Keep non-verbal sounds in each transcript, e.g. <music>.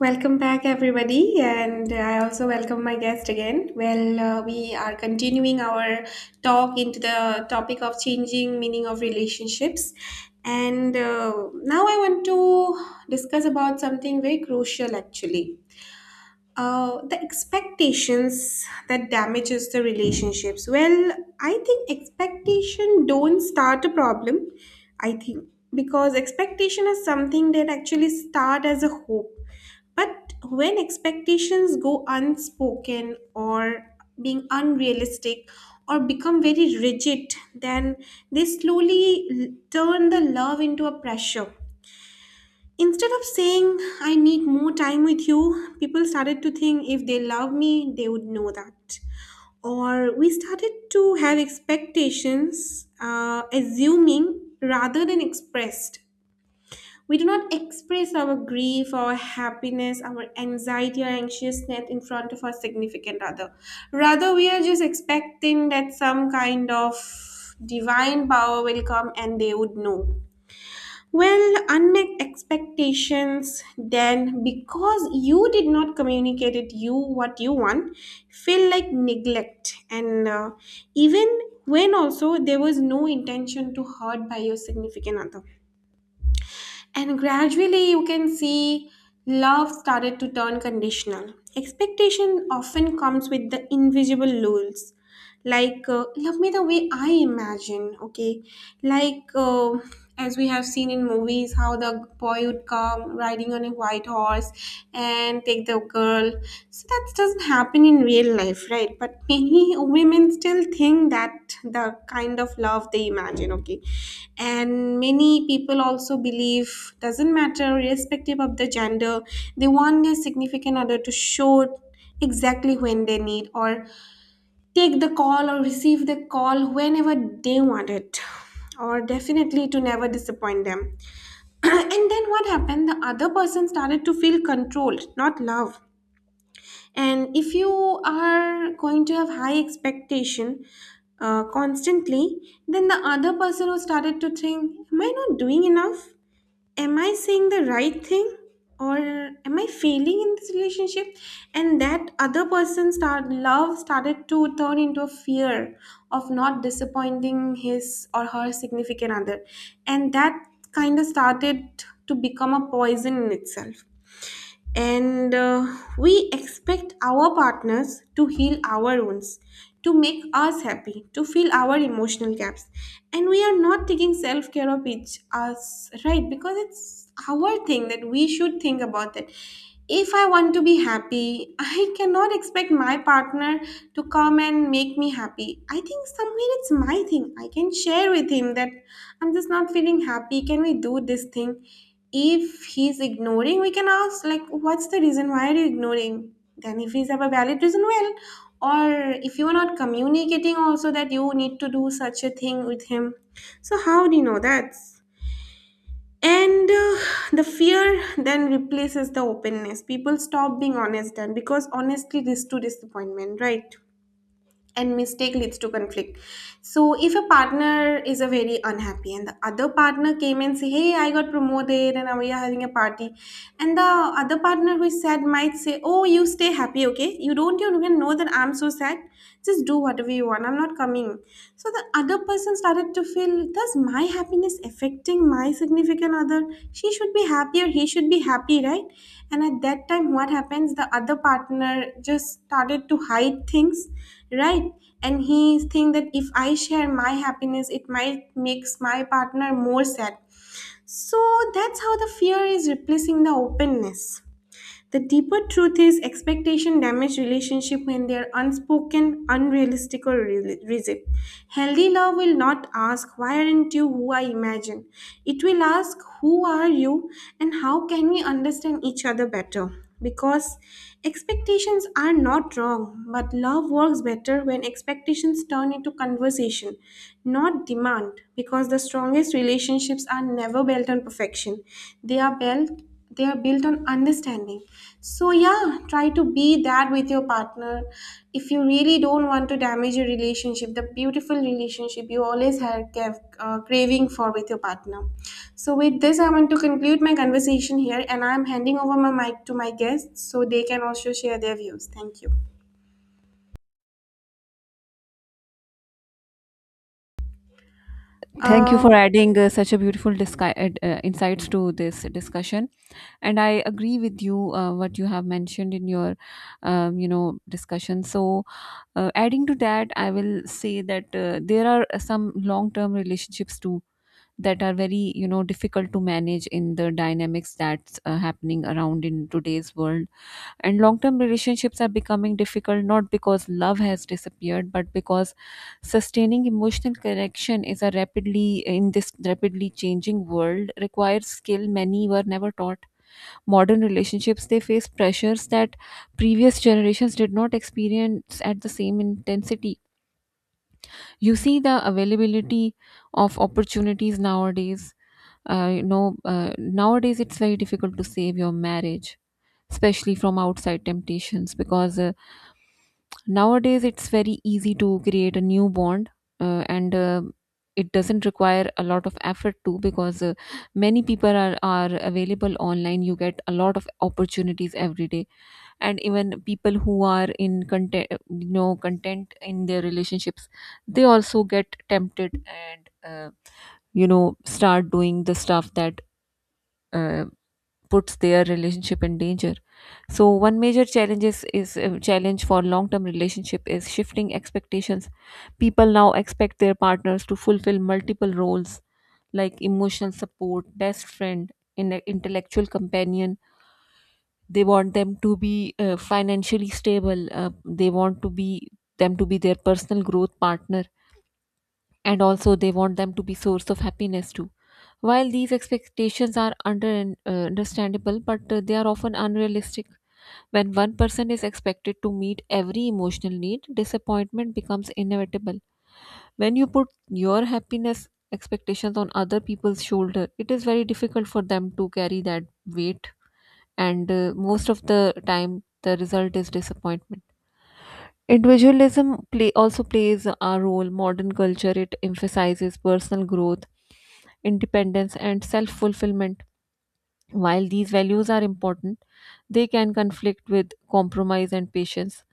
Welcome back, everybody, and I also welcome my guest again. We are continuing our talk into the topic of changing meaning of relationships, and now I want to discuss about something very crucial, actually. The expectations that damages the relationships. Well, I think expectation don't start a problem. I think because expectation is something that actually start as a hope, but when expectations go unspoken or being unrealistic or become very rigid, then they slowly turn the love into a pressure. Instead of saying, I need more time with you, people started to think if they love me, they would know that. Or we started to have expectations, assuming rather than expressed. We do not express our grief, our happiness, our anxiety, or anxiousness in front of our significant other. Rather, we are just expecting that some kind of divine power will come and they would know. Well, unmet expectations then, because you did not communicate it, you what you want, feel like neglect. And Even when also there was no intention to hurt by your significant other. And gradually, you can see love started to turn conditional. Expectation often comes with the invisible rules, like love me the way I imagine, okay, like as we have seen in movies how the boy would come riding on a white horse and take the girl. So that doesn't happen in real life, right? But many <laughs> women still think that the kind of love they imagine, okay, and many people also believe, doesn't matter irrespective of the gender, they want their significant other to show exactly when they need, or take the call or receive the call whenever they want it, or definitely to never disappoint them. <clears throat> And then what happened, the other person started to feel controlled, not love. And if you are going to have high expectation constantly, then the other person who started to think, am I not doing enough? Am I saying the right thing? Or am I failing in this relationship? And that other person start love started to turn into a fear of not disappointing his or her significant other, and that kind of started to become a poison in itself. And We expect our partners to heal our wounds, to make us happy, to fill our emotional gaps, and we are not taking self-care of each us, right? Because it's our thing that we should think about that. If I want to be happy, <laughs> I cannot expect my partner to come and make me happy. I think somewhere it's my thing. I can share with him that I'm just not feeling happy, can we do this thing? If he's ignoring, we can ask like what's the reason, why are you ignoring? Then if he's have a valid reason, well, or if you are not communicating also that you need to do such a thing with him, so how do you know that? And The fear then replaces the openness. People stop being honest then, because honestly leads to disappointment, right? And mistake leads to conflict. So if a partner is a very unhappy, and the other partner came and say, hey, I got promoted and now we are having a party, and the other partner who is sad might say, oh, you stay happy, okay, you don't even know that I'm so sad, just do whatever you want, I'm not coming. So the other person started to feel, does my happiness affecting my significant other? She should be happy or he should be happy, right? And at that time what happens, the other partner just started to hide things, right? And he think that if I share my happiness, it might makes my partner more sad. So that's how the fear is replacing the openness. The deeper truth is expectation damage relationship when they are unspoken, unrealistic or rigid. Healthy love will not ask, why aren't you who I imagine? It will ask, who are you and how can we understand each other better? Because expectations are not wrong, but love works better when expectations turn into conversation, not demand. Because the strongest relationships are never built on perfection, they are built they are built on understanding. So yeah, try to be that with your partner if you really don't want to damage your relationship, the beautiful relationship you always had have, craving for with your partner. So with this I want to conclude my conversation here and I'm handing over my mic to my guests so they can also share their views. Thank you Thank you uh, for adding such a beautiful insights to this discussion. And I agree with you what you have mentioned in your discussion. So adding to that, I will say that there are some long-term relationships too that are very difficult to manage in the dynamics that's happening around in today's world, and long term relationships are becoming difficult not because love has disappeared, but because sustaining emotional connection is a in this rapidly changing world, requires skill many were never taught. Modern relationships, they face pressures that previous generations did not experience at the same intensity. You see the availability of opportunities nowadays. Nowadays, it's very difficult to save your marriage, especially from outside temptations, because nowadays, it's very easy to create a new bond, and it doesn't require a lot of effort too, because many people are available online. You get a lot of opportunities every day, and even people who are in content, you know, content in their relationships, they also get tempted and start doing the stuff that. Uh, puts their relationship in danger. So one major challenge is challenge for long-term relationship is shifting expectations. People now expect their partners to fulfill multiple roles like emotional support, best friend, intellectual companion. They want them to be financially stable. They want to be them to be their personal growth partner, and also they want them to be source of happiness too. While these expectations are understandable, but they are often unrealistic. When one person is expected to meet every emotional need, disappointment becomes inevitable. When you put your happiness expectations on other people's shoulder, it is very difficult for them to carry that weight, and most of the time, the result is disappointment. Individualism play also plays a role. Modern culture, it emphasizes personal growth, independence, and self fulfillment. While these values are important, they can conflict with compromise and patience,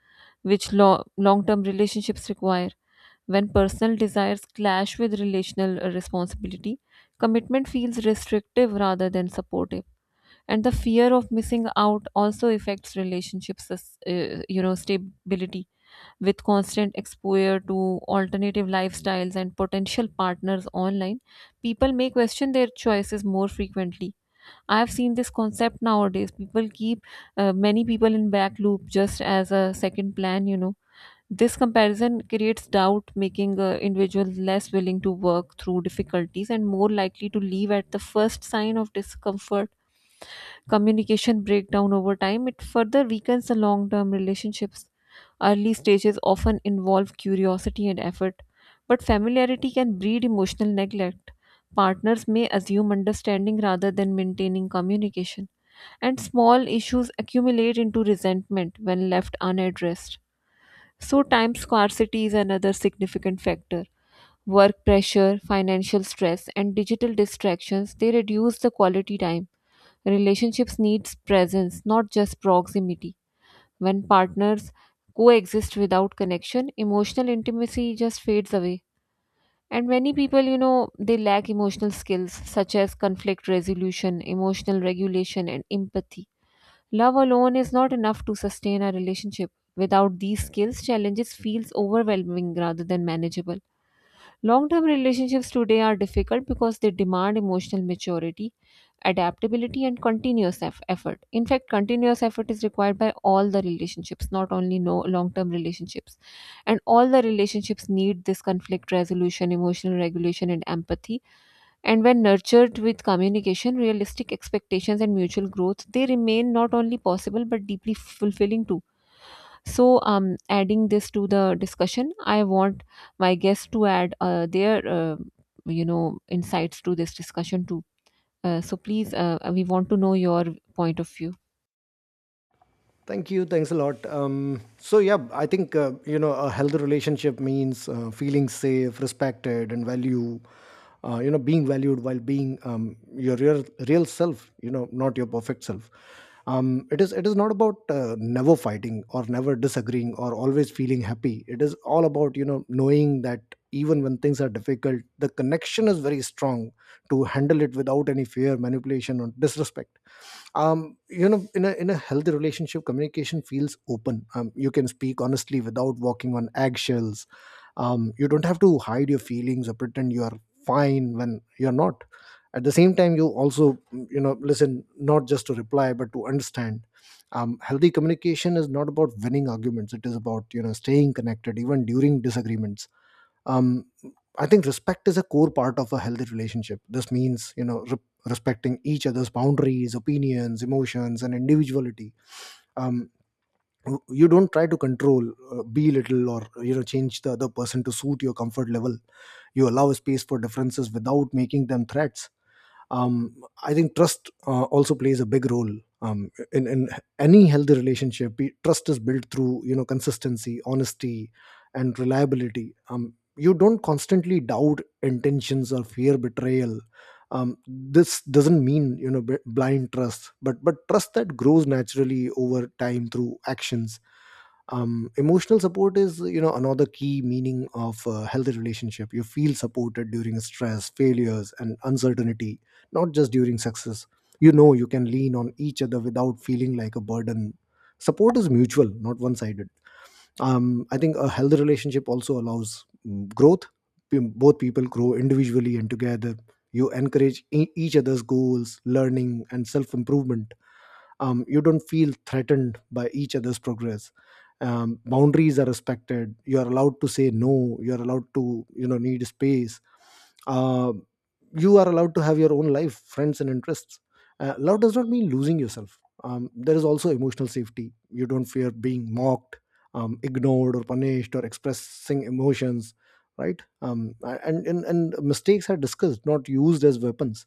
which long term relationships require. When personal desires clash with relational responsibility, commitment feels restrictive rather than supportive. And the fear of missing out also affects relationships, stability. With constant exposure to alternative lifestyles and potential partners online, people may question their choices more frequently. I've seen this concept nowadays. People keep many people in back loop just as a second plan, you know. This comparison creates doubt, making individuals less willing to work through difficulties and more likely to leave at the first sign of discomfort. Communication breakdown over time, it further weakens the long term relationships. Early stages often involve curiosity and effort, but familiarity can breed emotional neglect. Partners may assume understanding rather than maintaining communication, and small issues accumulate into resentment when left unaddressed. So, time scarcity is another significant factor. Work pressure, financial stress, and digital distractions, they reduce the quality time. Relationships needs presence, not just proximity. When partners coexist without connection, emotional intimacy just fades away. And many people, you know, they lack emotional skills such as conflict resolution, emotional regulation, and empathy. Love alone is not enough to sustain a relationship. Without these skills, challenges feels overwhelming rather than manageable. Long-term relationships today are difficult because they demand emotional maturity, adaptability, and continuous effort. In fact, continuous effort is required by all the relationships, not only no long term relationships, and all the relationships need this conflict resolution, emotional regulation, and empathy. And when nurtured with communication, realistic expectations, and mutual growth, they remain not only possible but deeply fulfilling too. So adding this to the discussion, I want my guests to add their insights to this discussion too. So please, we want to know your point of view. Thank you. Thanks a lot. So yeah, I think a healthy relationship means feeling safe, respected, and value. Being valued while being your real self. Not your perfect self. It is not about never fighting or never disagreeing or always feeling happy. It is all about knowing that even when things are difficult, the connection is very strong to handle it without any fear, manipulation, or disrespect. In a healthy relationship, communication feels open. You can speak honestly without walking on eggshells. You don't have to hide your feelings or pretend you are fine when you're not. At the same time, you also listen not just to reply but to understand. Healthy communication is not about winning arguments. It is about staying connected even during disagreements. um, I think respect is a core part of a healthy relationship. This means respecting each other's boundaries, opinions, emotions, and individuality. um, you don't try to control, belittle, or change the other person to suit your comfort level. You allow space for differences without making them threats. um, I think trust also plays a big role in any healthy relationship. Trust is built through consistency, honesty, and reliability. You don't constantly doubt intentions or fear betrayal. This doesn't mean blind trust, but trust that grows naturally over time through actions. Emotional support is another key meaning of a healthy relationship. You feel supported during stress, failures, and uncertainty, not just during success. You can lean on each other without feeling like a burden. Support is mutual, not one sided. I think a healthy relationship also allows growth. Both people grow individually and together. You encourage each other's goals, learning, and self improvement. You don't feel threatened by each other's progress. Boundaries are respected. You are allowed to say no. You are allowed to need space. uh, you are allowed to have your own life, friends, and interests. Love does not mean losing yourself. There is also emotional safety. You don't fear being mocked, ignored, or punished or expressing emotions, right? And mistakes are discussed, not used as weapons.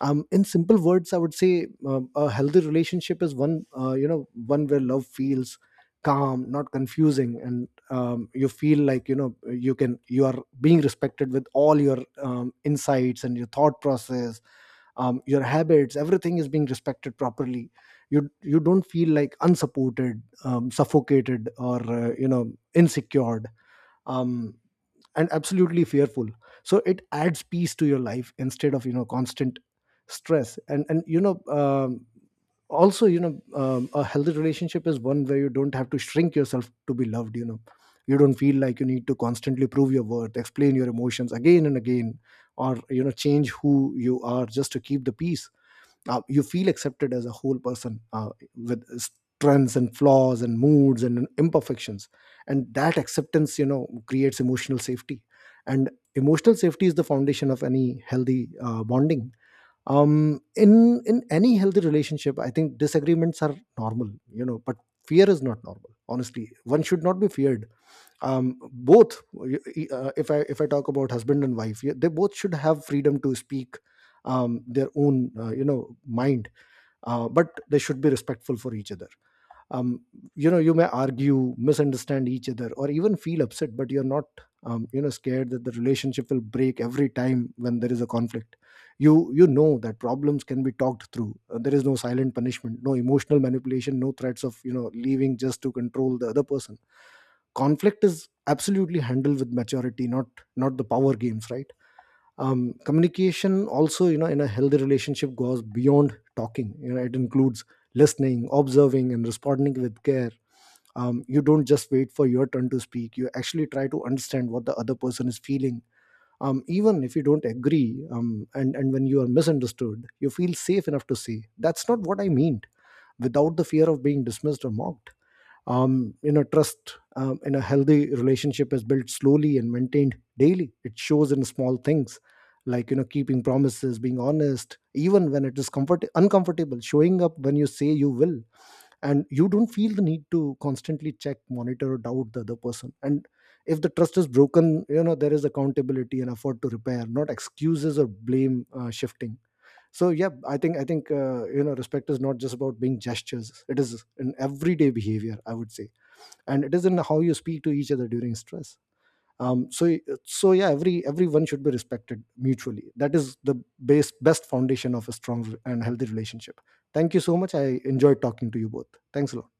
In simple words, I would say a healthy relationship is one, one where love feels calm, not confusing, and you feel like you can, you are being respected with all your insights and your thought process, your habits. Everything is being respected properly. You don't feel like unsupported, suffocated, or insecured. Um, and absolutely fearful, so it adds peace to your life instead of constant stress and also a healthy relationship is one where you don't have to shrink yourself to be loved. You don't feel like you need to constantly prove your worth, explain your emotions again and again, or change who you are just to keep the peace. You feel accepted as a whole person, with strengths and flaws and moods and imperfections, and that acceptance creates emotional safety, and emotional safety is the foundation of any healthy bonding. In any healthy relationship, I think disagreements are normal, but fear is not normal. Honestly, one should not be feared. If I talk about husband and wife, yeah, they both should have freedom to speak their own mind, but they should be respectful for each other. um, you may argue, misunderstand each other, or even feel upset, but you're not scared that the relationship will break every time when there is a conflict. You know that problems can be talked through. There is no silent punishment, no emotional manipulation, no threats of leaving just to control the other person. Conflict is absolutely handled with maturity, not the power games, right? Communication also, in a healthy relationship, goes beyond talking. It includes listening, observing, and responding with care. You don't just wait for your turn to speak. You actually try to understand what the other person is feeling, even if you don't agree. And when you are misunderstood, you feel safe enough to say that's not what I meant, without the fear of being dismissed or mocked. Trust, in a healthy relationship, is built slowly and maintained daily. It shows in small things, like keeping promises, being honest even when it is comfort uncomfortable, showing up when you say you will. And you don't feel the need to constantly check, monitor, or doubt the other person. And if the trust is broken, there is accountability and effort to repair, not excuses or blame shifting. So yeah, I think respect is not just about being gestures. It is an everyday behavior, I would say, and it is in how you speak to each other during stress. Um, so so yeah, everyone should be respected mutually. That is the base best foundation of a strong and healthy relationship. Thank you so much. I enjoyed talking to you both. Thanks a lot.